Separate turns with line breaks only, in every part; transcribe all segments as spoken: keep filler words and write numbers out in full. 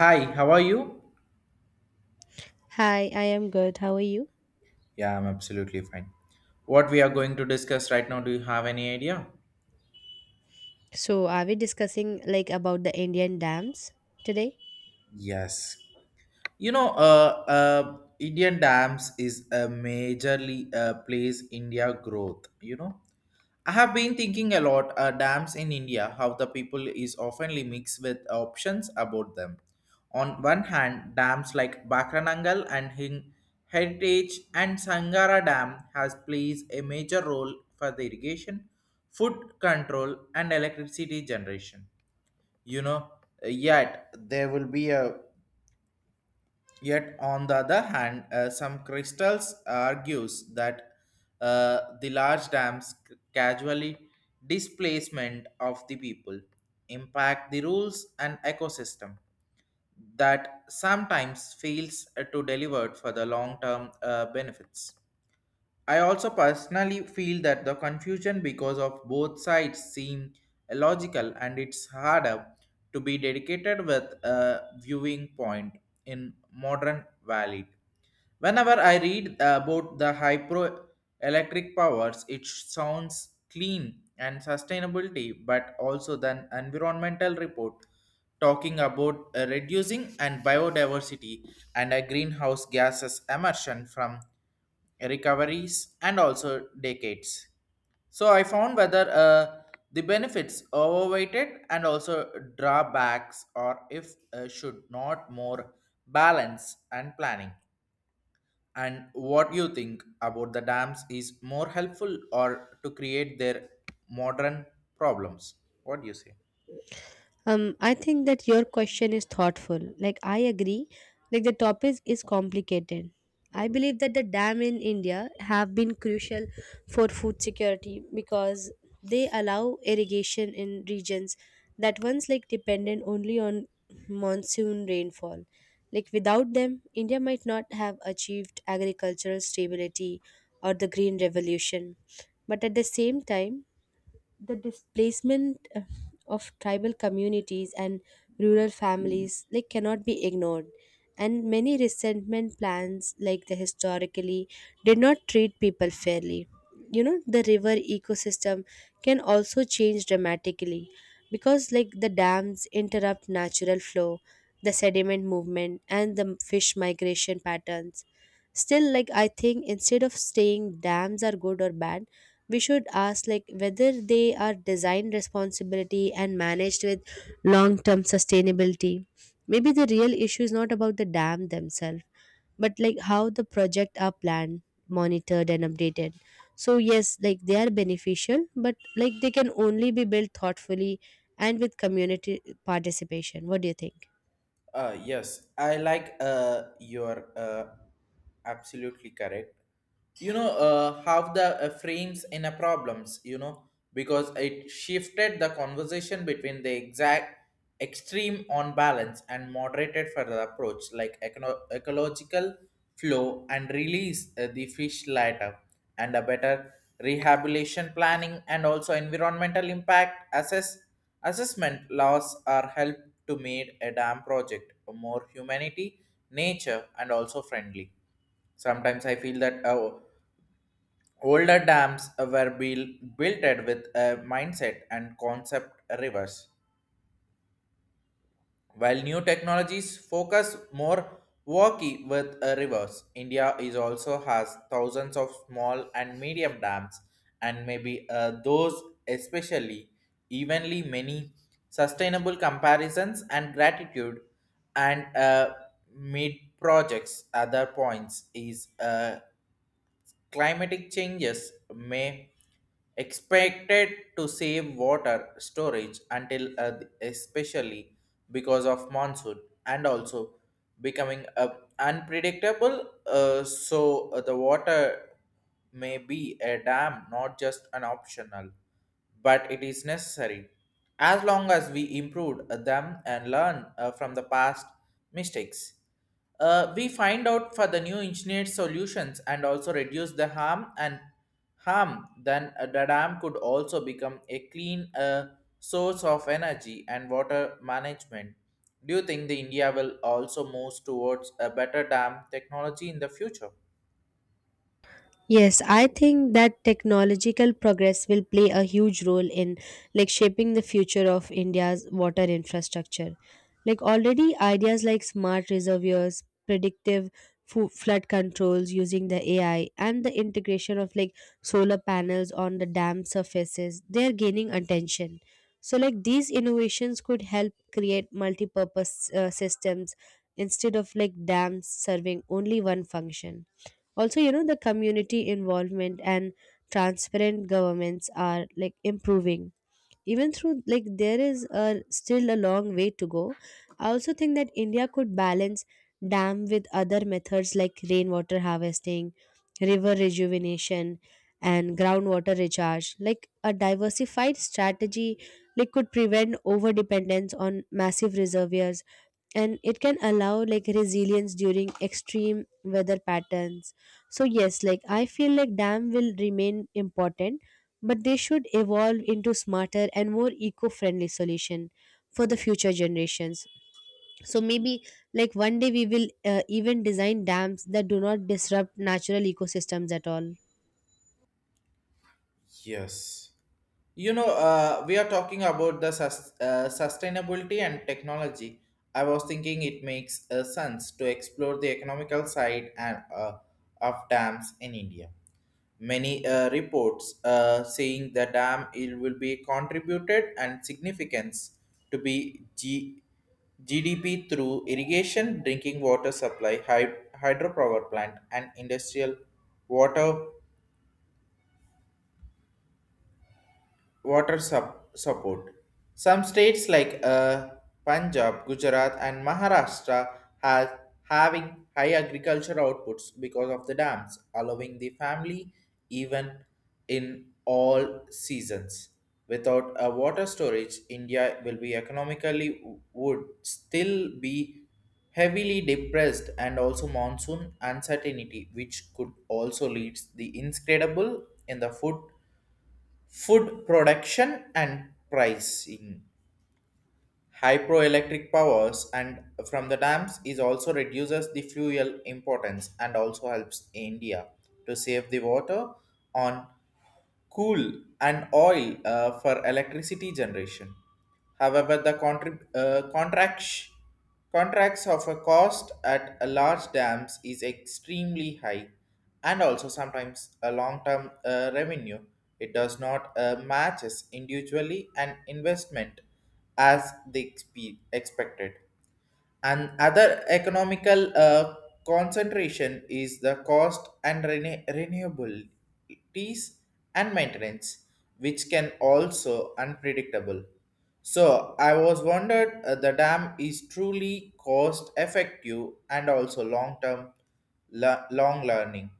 Hi, how are you?
Hi, I am good. How are you?
Yeah, I'm absolutely fine. What we are going to discuss right now, do you have any idea?
So, are we discussing like about the Indian dams today?
Yes. You know, uh, uh, Indian dams is a majorly uh, plays India growth, you know. I have been thinking a lot uh, dams in India how the people is oftenly mixed with options about them. On one hand, dams like Bakranangal and Hin- Heritage and Sangara Dam has plays a major role for the irrigation, food control and electricity generation. You know, yet there will be a Yet, on the other hand, uh, some crystals argues that uh, the large dams c- casually displacement of the people impact the rules and ecosystem that sometimes fails uh, to deliver for the long-term uh, benefits. I also personally feel that the confusion because of both sides seem illogical and it's harder to be dedicated with a viewing point in modern valid. Whenever I read about the hydroelectric powers, it sounds clean and sustainability, but also the environmental report talking about uh, reducing and biodiversity and a greenhouse gases emission from recoveries and also decades. So I found whether uh, the benefits overweighted and also drawbacks or if uh, should not more balance and planning. And what you think about the dams is more helpful or to create their modern problems? What do you say?
Um, I think that your question is thoughtful. Like, I agree. Like, the topic is complicated. I believe that the dam in India have been crucial for food security because they allow irrigation in regions that once like dependent only on monsoon rainfall. Like without them, India might not have achieved agricultural stability or the green revolution. But at the same time, the displacement uh, of tribal communities and rural families like cannot be ignored, and many resentment plans like the historically did not treat people fairly, you know. The river ecosystem can also change dramatically because like the dams interrupt natural flow, the sediment movement and the fish migration patterns. Still, like I think instead of saying dams are good or bad, we should ask like whether they are designed responsibility and managed with long term sustainability. Maybe the real issue is not about the dam themselves, but like how the project are planned, monitored and updated. So yes, like they are beneficial, but like they can only be built thoughtfully and with community participation. What do you think?
Uh, yes, I like uh, your uh, absolutely correct. You know uh, how the uh, frames in a problems. You know because it shifted the conversation between the exact extreme on balance and moderated for the approach like econo- ecological flow and release uh, the fish later and a better rehabilitation planning and also environmental impact assess assessment laws are help to make a dam project more humanity, nature, and also friendly. Sometimes I feel that uh, older dams were buil- built with a mindset and concept reverse. While new technologies focus more worky with uh, rivers, India is also has thousands of small and medium dams, and maybe uh, those especially evenly many sustainable comparisons and gratitude and uh, mid projects. Other points is uh, climatic changes may expected to save water storage until uh, especially because of monsoon and also becoming uh, unpredictable. Uh, so uh, the water may be a dam, not just an optional, but it is necessary. As long as we improve them and learn uh, from the past mistakes, uh, we find out for the new engineered solutions and also reduce the harm and harm. Then uh, the dam could also become a clean uh, source of energy and water management. Do you think the India will also move towards a better dam technology in the future?
Yes, I think that technological progress will play a huge role in like shaping the future of India's water infrastructure. Like already ideas like smart reservoirs, predictive fo- flood controls using the A I and the integration of like solar panels on the dam surfaces, they are gaining attention. So like these innovations could help create multi-purpose uh, systems instead of like dams serving only one function. Also, you know, the community involvement and transparent governments are like improving, even through like there is a, still a long way to go. I also think that India could balance dam with other methods like rainwater harvesting, river rejuvenation and groundwater recharge. Like a diversified strategy like could prevent over dependence on massive reservoirs, and it can allow like resilience during extreme weather patterns. So yes, like I feel like dam will remain important, but they should evolve into smarter and more eco-friendly solution for the future generations. So maybe like one day we will uh, even design dams that do not disrupt natural ecosystems at all.
Yes. You know, uh, we are talking about the sus- uh, sustainability and technology. I was thinking it makes uh, sense to explore the economical side and uh, of dams in India. Many uh, reports uh, saying the dam it will be contributed and significance to be G- GDP through irrigation, drinking water supply, hy- hydropower plant, and industrial water water sup- support. Some states like uh, Punjab, Gujarat, and Maharashtra has having high agriculture outputs because of the dams, allowing the family even in all seasons. Without a water storage, India will be economically would still be heavily depressed and also monsoon uncertainty which could also lead the inscredible in the food food production and pricing. Hydroelectric powers and from the dams is also reduces the fuel importance and also helps India to save the water on coal and oil uh, for electricity generation. However, the contrib- uh, contracts, contracts of a cost at a large dams is extremely high, and also sometimes a long-term uh, revenue. It does not uh, matches individually an investment as they expe- expected. And other economical uh, concentration is the cost and rene- renewabilities and maintenance, which can also unpredictable. So I was wondered uh, the dam is truly cost effective and also long term le- long learning.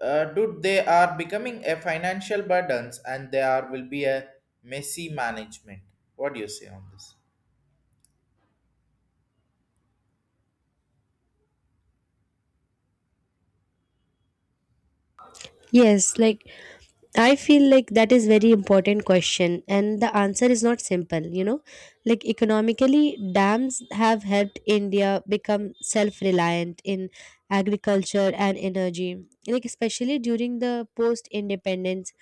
Uh, dude, they are becoming a financial burdens and they are will be a messy management. What do you say on this?
Yes, like I feel like that is very important question, and the answer is not simple, you know. Like economically, dams have helped India become self reliant in agriculture and energy, like especially during the post independence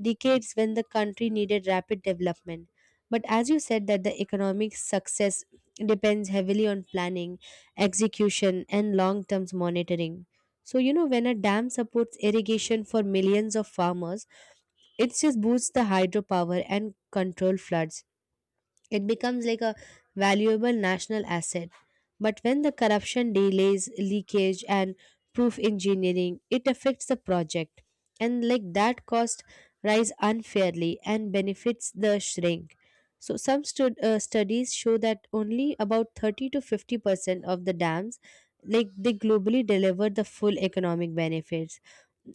decades when the country needed rapid development. But as you said, that the economic success depends heavily on planning, execution, and long term monitoring. So, you know, when a dam supports irrigation for millions of farmers, it just boosts the hydropower and control floods, it becomes like a valuable national asset. But when the corruption delays, leakage, and proof engineering, it affects the project. And like that cost rise unfairly and benefits the shrink. So some stud- uh, studies show that only about thirty to fifty percent of the dams like they globally deliver the full economic benefits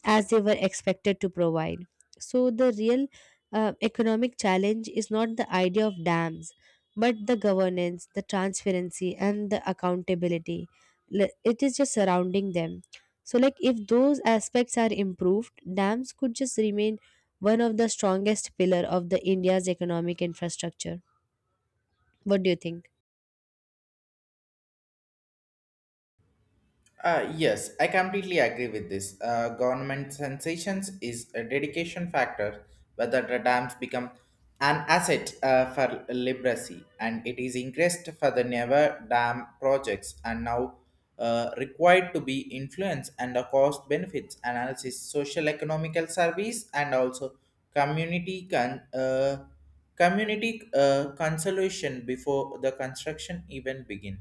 as they were expected to provide. So, the real uh, economic challenge is not the idea of dams, but the governance, the transparency, and the accountability. L- It is just surrounding them. So, like if those aspects are improved, dams could just remain one of the strongest pillar of the India's economic infrastructure. What do you think?
Uh, yes, I completely agree with this. Uh, government sensations is a dedication factor, whether the dams become an asset uh, for literacy, and it is increased for the never dam projects and now uh, required to be influenced and the cost benefits analysis, social economical service, and also community con- uh, community uh, consolation before the construction even begin.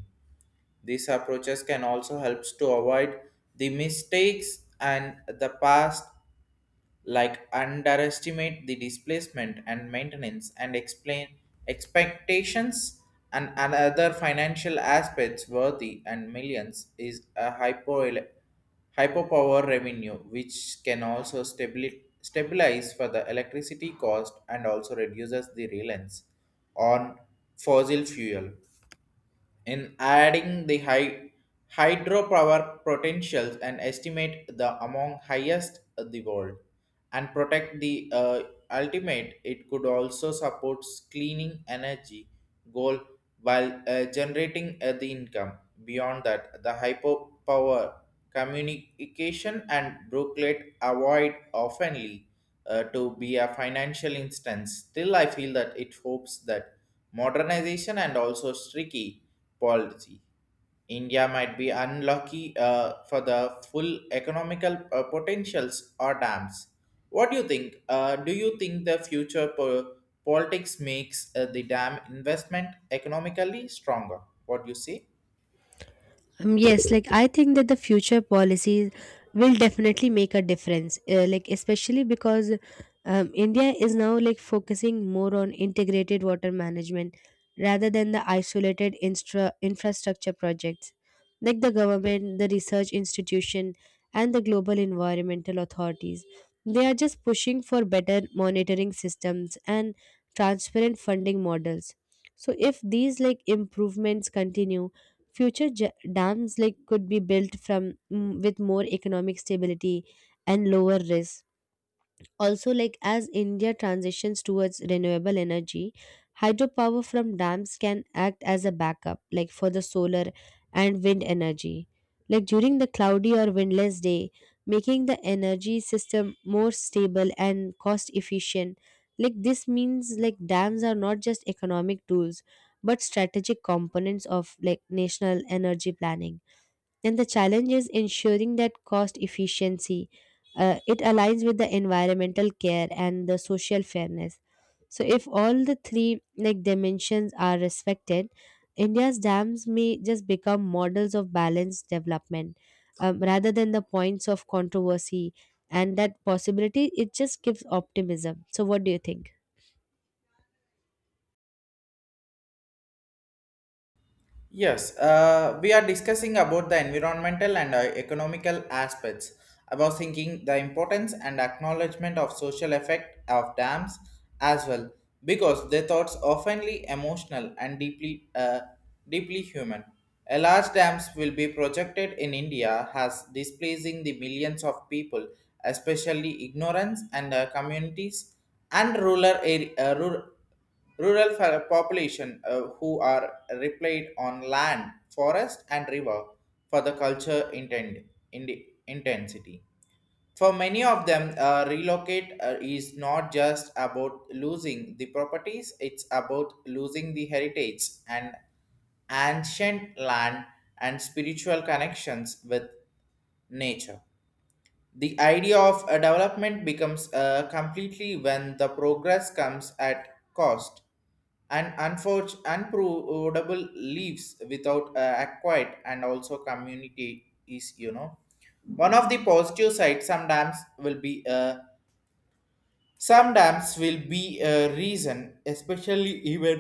These approaches can also help to avoid the mistakes and the past, like underestimate the displacement and maintenance and explain expectations and other financial aspects worthy and millions is a hypo hyperpower revenue, which can also stabili- stabilize for the electricity cost and also reduces the reliance on fossil fuel in adding the high hydropower potentials and estimate the among highest of the world and protect the uh, ultimate it could also support cleaning energy goal while uh, generating uh, the income beyond that the hyperpower communication and brooklet avoid oftenly uh, to be a financial instance still I feel that it hopes that modernization and also streaky policy. India might be unlucky uh, for the full economical uh, potentials or dams. What do you think? Uh, do you think the future po- politics makes uh, the dam investment economically stronger? What do you say?
Um, yes, like I think that the future policies will definitely make a difference, uh, like especially because um, India is now like focusing more on integrated water management rather than the isolated instra- infrastructure projects. Like the government, the research institution, and the global environmental authorities, they are just pushing for better monitoring systems and transparent funding models. So if these like improvements continue, future ja- dams like could be built from mm, with more economic stability and lower risk. Also, like as India transitions towards renewable energy, hydropower from dams can act as a backup, like for the solar and wind energy. Like during the cloudy or windless day, making the energy system more stable and cost efficient. Like this means like dams are not just economic tools but strategic components of like national energy planning. Then the challenge is ensuring that cost efficiency. Uh, it aligns with the environmental care and the social fairness. So if all the three like dimensions are respected, India's dams may just become models of balanced development, um, rather than the points of controversy. And that possibility, it just gives optimism. So what do you think?
Yes, uh, we are discussing about the environmental and uh, economical aspects. I was thinking the importance and acknowledgement of social effect of dams as well, because their thoughts oftenly emotional and deeply, uh, deeply human. A large dams will be projected in India has displacing the millions of people, especially ignorance and uh, communities and rural, area, Rural fa- population uh, who are replied on land, forest, and river for the culture intent, in, intensity. For many of them, uh, relocate uh, is not just about losing the properties, it's about losing the heritage and ancient land and spiritual connections with nature. The idea of a development becomes uh, completely when the progress comes at cost and unforge, unprovable leaves without uh, acquired and also community is you know one of the positive sides some dams will be uh, some dams will be a reason especially even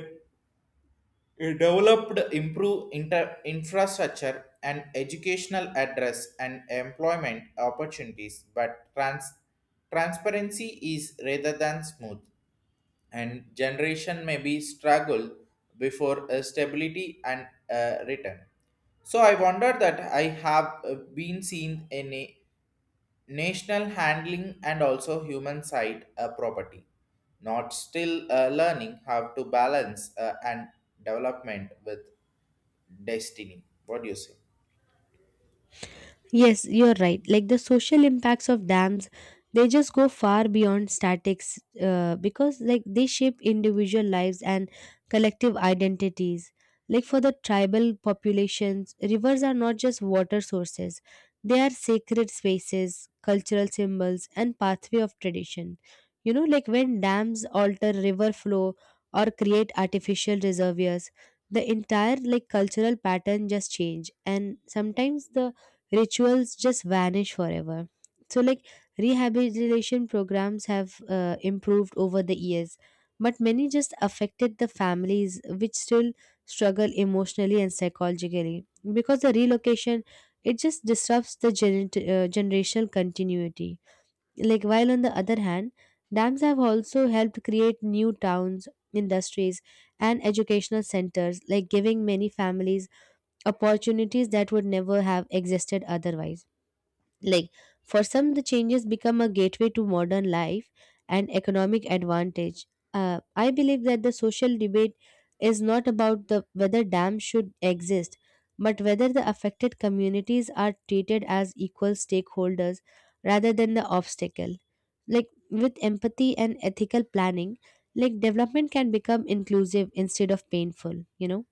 a developed improve inter- infrastructure and educational address and employment opportunities but trans- transparency is rather than smooth and generation may be struggle before uh, stability and uh, return. So I wonder that I have uh, been seen in a national handling and also human side uh, property, not still uh, learning how to balance uh, and development with destiny. What do you say?
Yes, you're right. Like the social impacts of dams, they just go far beyond statics uh, because like they shape individual lives and collective identities. Like for the tribal populations, rivers are not just water sources. They are sacred spaces, cultural symbols and pathway of tradition. You know, like when dams alter river flow or create artificial reservoirs, the entire like cultural pattern just change, and sometimes the rituals just vanish forever. So, like rehabilitation programs have uh, improved over the years, but many just affected the families which still struggle emotionally and psychologically because the relocation, it just disrupts the gener- uh, generational continuity. Like, while on the other hand, dams have also helped create new towns, industries, and educational centers, like giving many families opportunities that would never have existed otherwise. Like for some, the changes become a gateway to modern life and economic advantage. uh, I believe that the social debate is not about the whether dams should exist, but whether the affected communities are treated as equal stakeholders rather than the obstacle. Like with empathy and ethical planning, like development can become inclusive instead of painful, you know.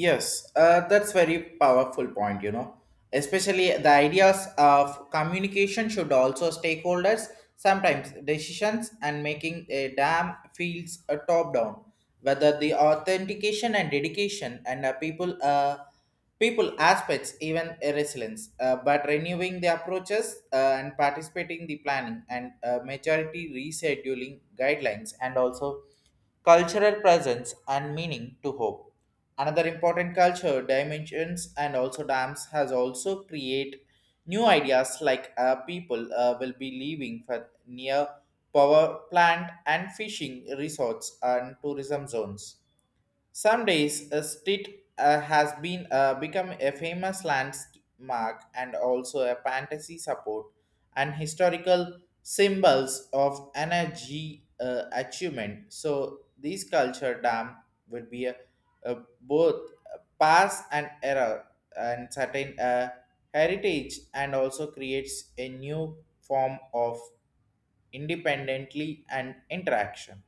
Yes, uh, that's very powerful point, you know. Especially the ideas of communication should also stakeholders sometimes decisions and making a dam feels a top down. Whether the authentication and dedication and uh, people uh, people aspects even a resilience, uh, but renewing the approaches uh, and participating the planning and uh, majority rescheduling guidelines and also cultural presence and meaning to hope another important culture dimensions and also dams has also create new ideas like uh, people uh, will be leaving for near power plant and fishing resorts and tourism zones some days, a street uh, has been uh, become a famous landmark and also a fantasy support and historical symbols of energy uh, achievement. So, this culture dam will be a, a both pass and error and certain uh, heritage and also creates a new form of independently and interaction.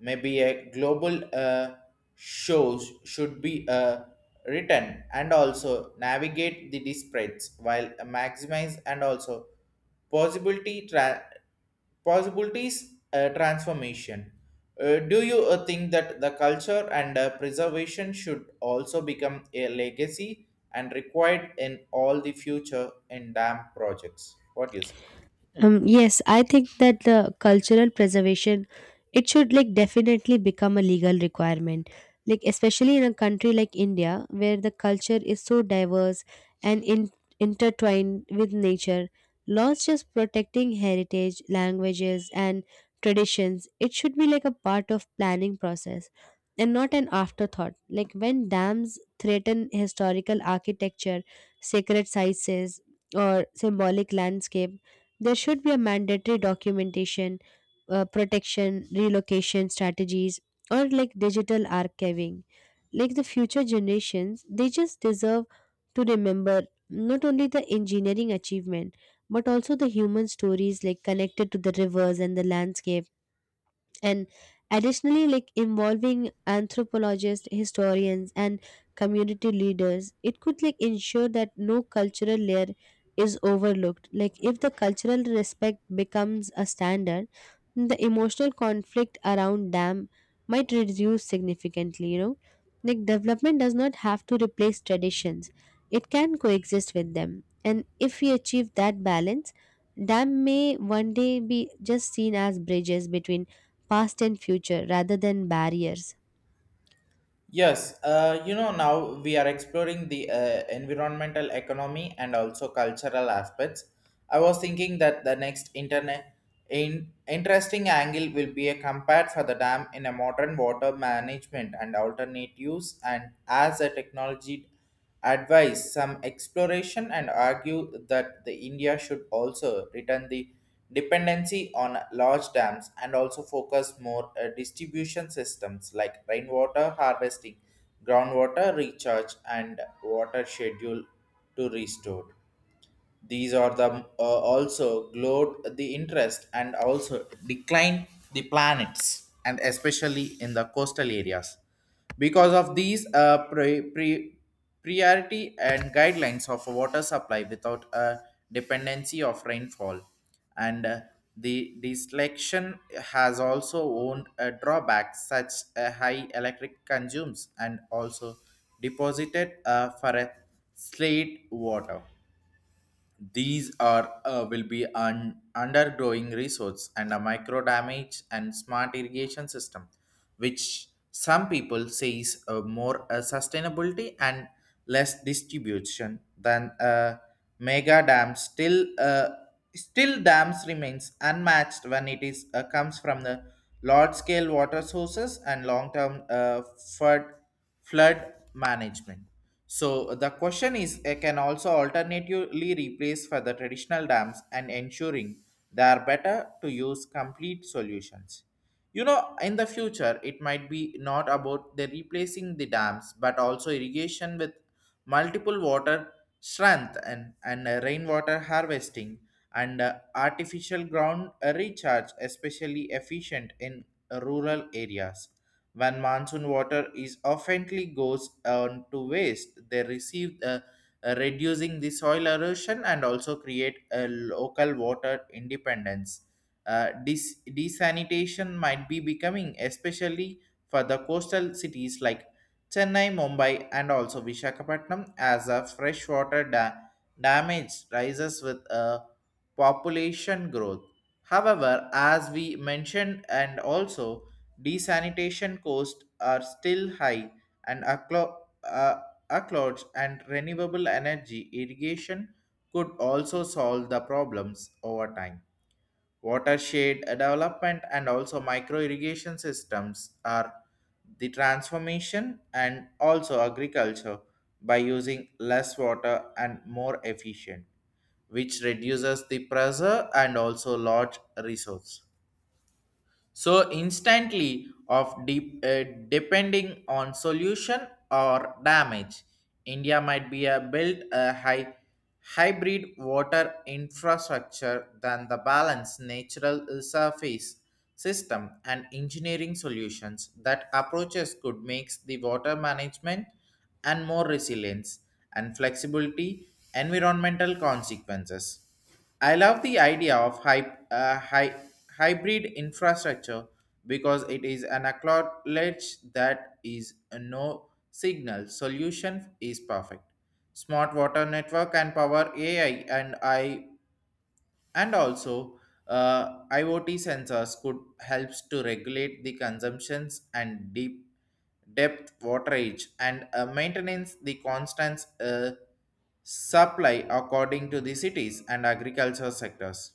Maybe a global uh, shows should be uh, written and also navigate the disparates while maximize and also possibility tra- possibilities uh, transformation. Uh, do you uh, think that the culture and uh, preservation should also become a legacy and required in all the future in dam projects? What do you say?
Um, yes, I think that the cultural preservation, it should like definitely become a legal requirement. Like especially in a country like India where the culture is so diverse and in, intertwined with nature, laws just protecting heritage, languages and traditions, it should be like a part of planning process and not an afterthought. Like when dams threaten historical architecture, sacred sites or symbolic landscape, there should be a mandatory documentation, uh, protection relocation strategies or like digital archiving. Like the future generations, they just deserve to remember not only the engineering achievement, but also the human stories like connected to the rivers and the landscape. And additionally, like involving anthropologists, historians and community leaders, it could like ensure that no cultural layer is overlooked. Like if the cultural respect becomes a standard, the emotional conflict around them might reduce significantly, you know. Like development does not have to replace traditions, it can coexist with them, and if we achieve that balance, dam may one day be just seen as bridges between past and future rather than barriers.
Yes, uh, you know, now we are exploring the uh, environmental economy and also cultural aspects. I was thinking that the next internet in interesting angle will be a compared for the dam in a modern water management and alternate use and as a technology advice some exploration and argue that the India should also return the dependency on large dams and also focus more uh, distribution systems like rainwater harvesting groundwater recharge and water schedule to restore these are the uh, also glowed the interest and also declined the planets and especially in the coastal areas. Because of these uh, pre- pre- priority and guidelines of water supply without a dependency of rainfall and uh, the deselection has also owned a drawback such a high electric consumes and also deposited uh, for a slate water these are uh, will be an undergrowing resource and a micro damage and smart irrigation system, which some people say is uh, more uh, sustainability and less distribution than a mega dam. Still, uh, still dams remains unmatched when it is uh, comes from the large scale water sources and long term uh, flood flood management. So the question is, uh, can also alternatively replace for the traditional dams and ensuring they are better to use complete solutions. You know, in the future, it might be not about the replacing the dams, but also irrigation with multiple water strength and, and uh, rainwater harvesting and uh, artificial ground recharge, especially efficient in rural areas when monsoon water is oftenly goes on to waste, they receive uh, uh, reducing the soil erosion and also create a local water independence. Uh, dis- desanitation might be becoming especially for the coastal cities like Chennai, Mumbai, and also Vishakhapatnam as a freshwater da- damage rises with a population growth. However, as we mentioned, and also desanitation costs are still high, and acclo- uh, accolades and renewable energy irrigation could also solve the problems over time. Watershed development and also micro irrigation systems are the transformation and also agriculture by using less water and more efficient, which reduces the pressure and also large resource so instantly of deep, uh, depending on solution or damage india might be a built a high hybrid water infrastructure than the balance natural surface system and engineering solutions that approaches could makes the water management and more resilience and flexibility environmental consequences I love the idea of hy- uh, hy- hybrid infrastructure because it is an acknowledge that is a no signal solution is perfect. Smart water network and power A I and I and also, uh, I o T sensors could helps to regulate the consumptions and deep depth waterage and uh, maintenance the constant uh, supply according to the cities and agriculture sectors.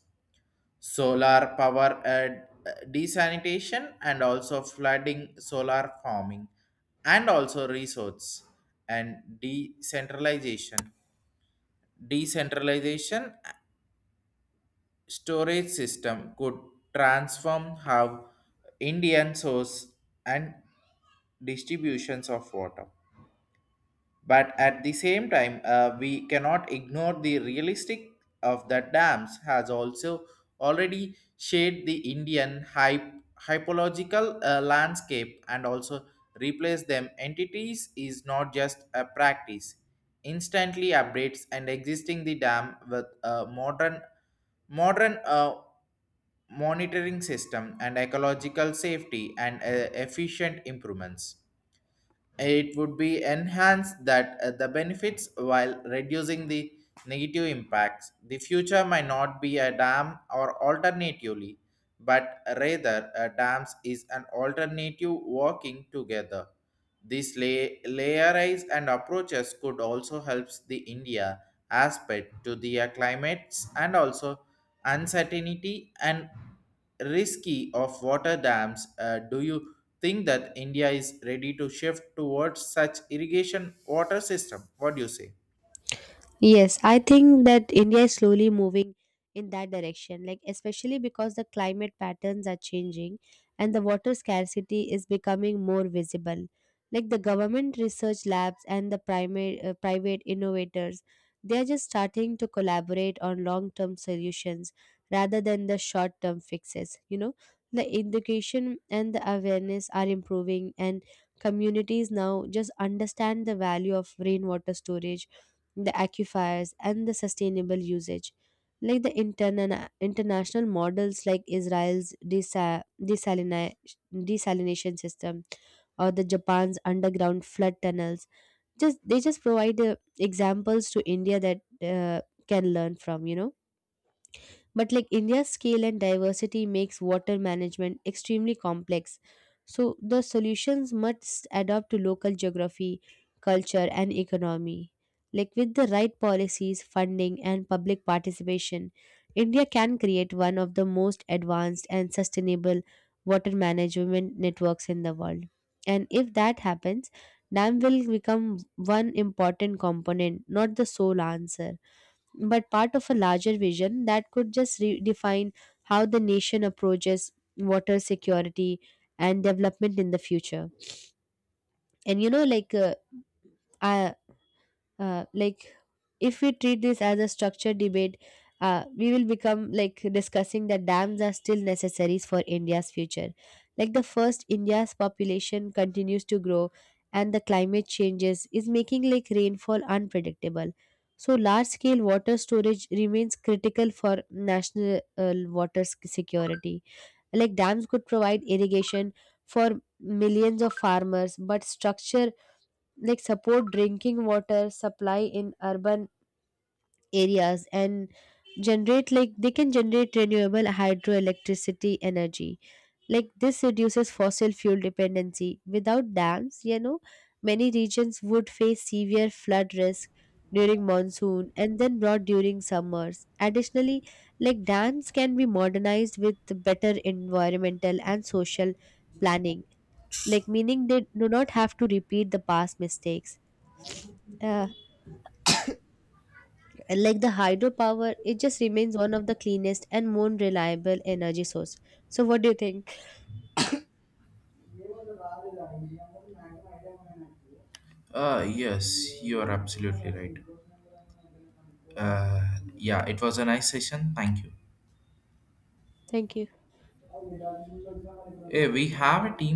Solar power uh, desanitation and also flooding solar farming and also resource and decentralization decentralization storage system could transform how Indian source and distributions of water. But at the same time, uh, we cannot ignore the realistic of that dams has also already shaped the Indian hype, hypological uh, landscape and also replace them entities is not just a practice. Instantly updates and existing the dam with a modern modern uh, monitoring system and ecological safety and uh, efficient improvements it would be enhanced that uh, the benefits while reducing the negative impacts the future might not be a dam or alternatively but rather a dams is an alternative working together this lay- layerize and approaches could also help the india aspect to the uh, climates and also uncertainty and risky of water dams uh, do you think that India is ready to shift towards such irrigation water system. What do you say?
Yes, I think that India is slowly moving in that direction, like especially because the climate patterns are changing and the water scarcity is becoming more visible. Like the government research labs and the primary, uh, private innovators, they are just starting to collaborate on long term solutions rather than the short term fixes. You know, the education and the awareness are improving, and communities now just understand the value of rainwater storage, the aquifers and the sustainable usage. Like the interna- international models like Israel's desa- desalina- desalination system or the Japan's underground flood tunnels, just they just provide uh, examples to India that uh, can learn from, you know. But like India's scale and diversity makes water management extremely complex. So the solutions must adapt to local geography, culture, and economy. Like with the right policies, funding, and public participation, India can create one of the most advanced and sustainable water management networks in the world. And if that happens, dam will become one important component, not the sole answer but part of a larger vision that could just redefine how the nation approaches water security and development in the future. And you know, like uh, I, uh, like if we treat this as a structured debate, uh, we will become like discussing that dams are still necessaries for India's future. Like the first, India's population continues to grow, and the climate changes is making like rainfall unpredictable. So large scale water storage remains critical for national, uh, water sec- security. Like dams could provide irrigation for millions of farmers but structure, like support drinking water supply in urban areas, and generate, like they can generate renewable hydroelectricity energy. Like this reduces fossil fuel dependency. Without dams, you know, many regions would face severe flood risk during monsoon and then drought during summers. Additionally, like dams can be modernized with better environmental and social planning, like meaning they do not have to repeat the past mistakes. uh, And like the hydropower, it just remains one of the cleanest and more reliable energy source. So what do you think?
Uh, yes, you are absolutely right. Uh, yeah, it was a nice session. Thank you.
Thank you.
Hey, we have a team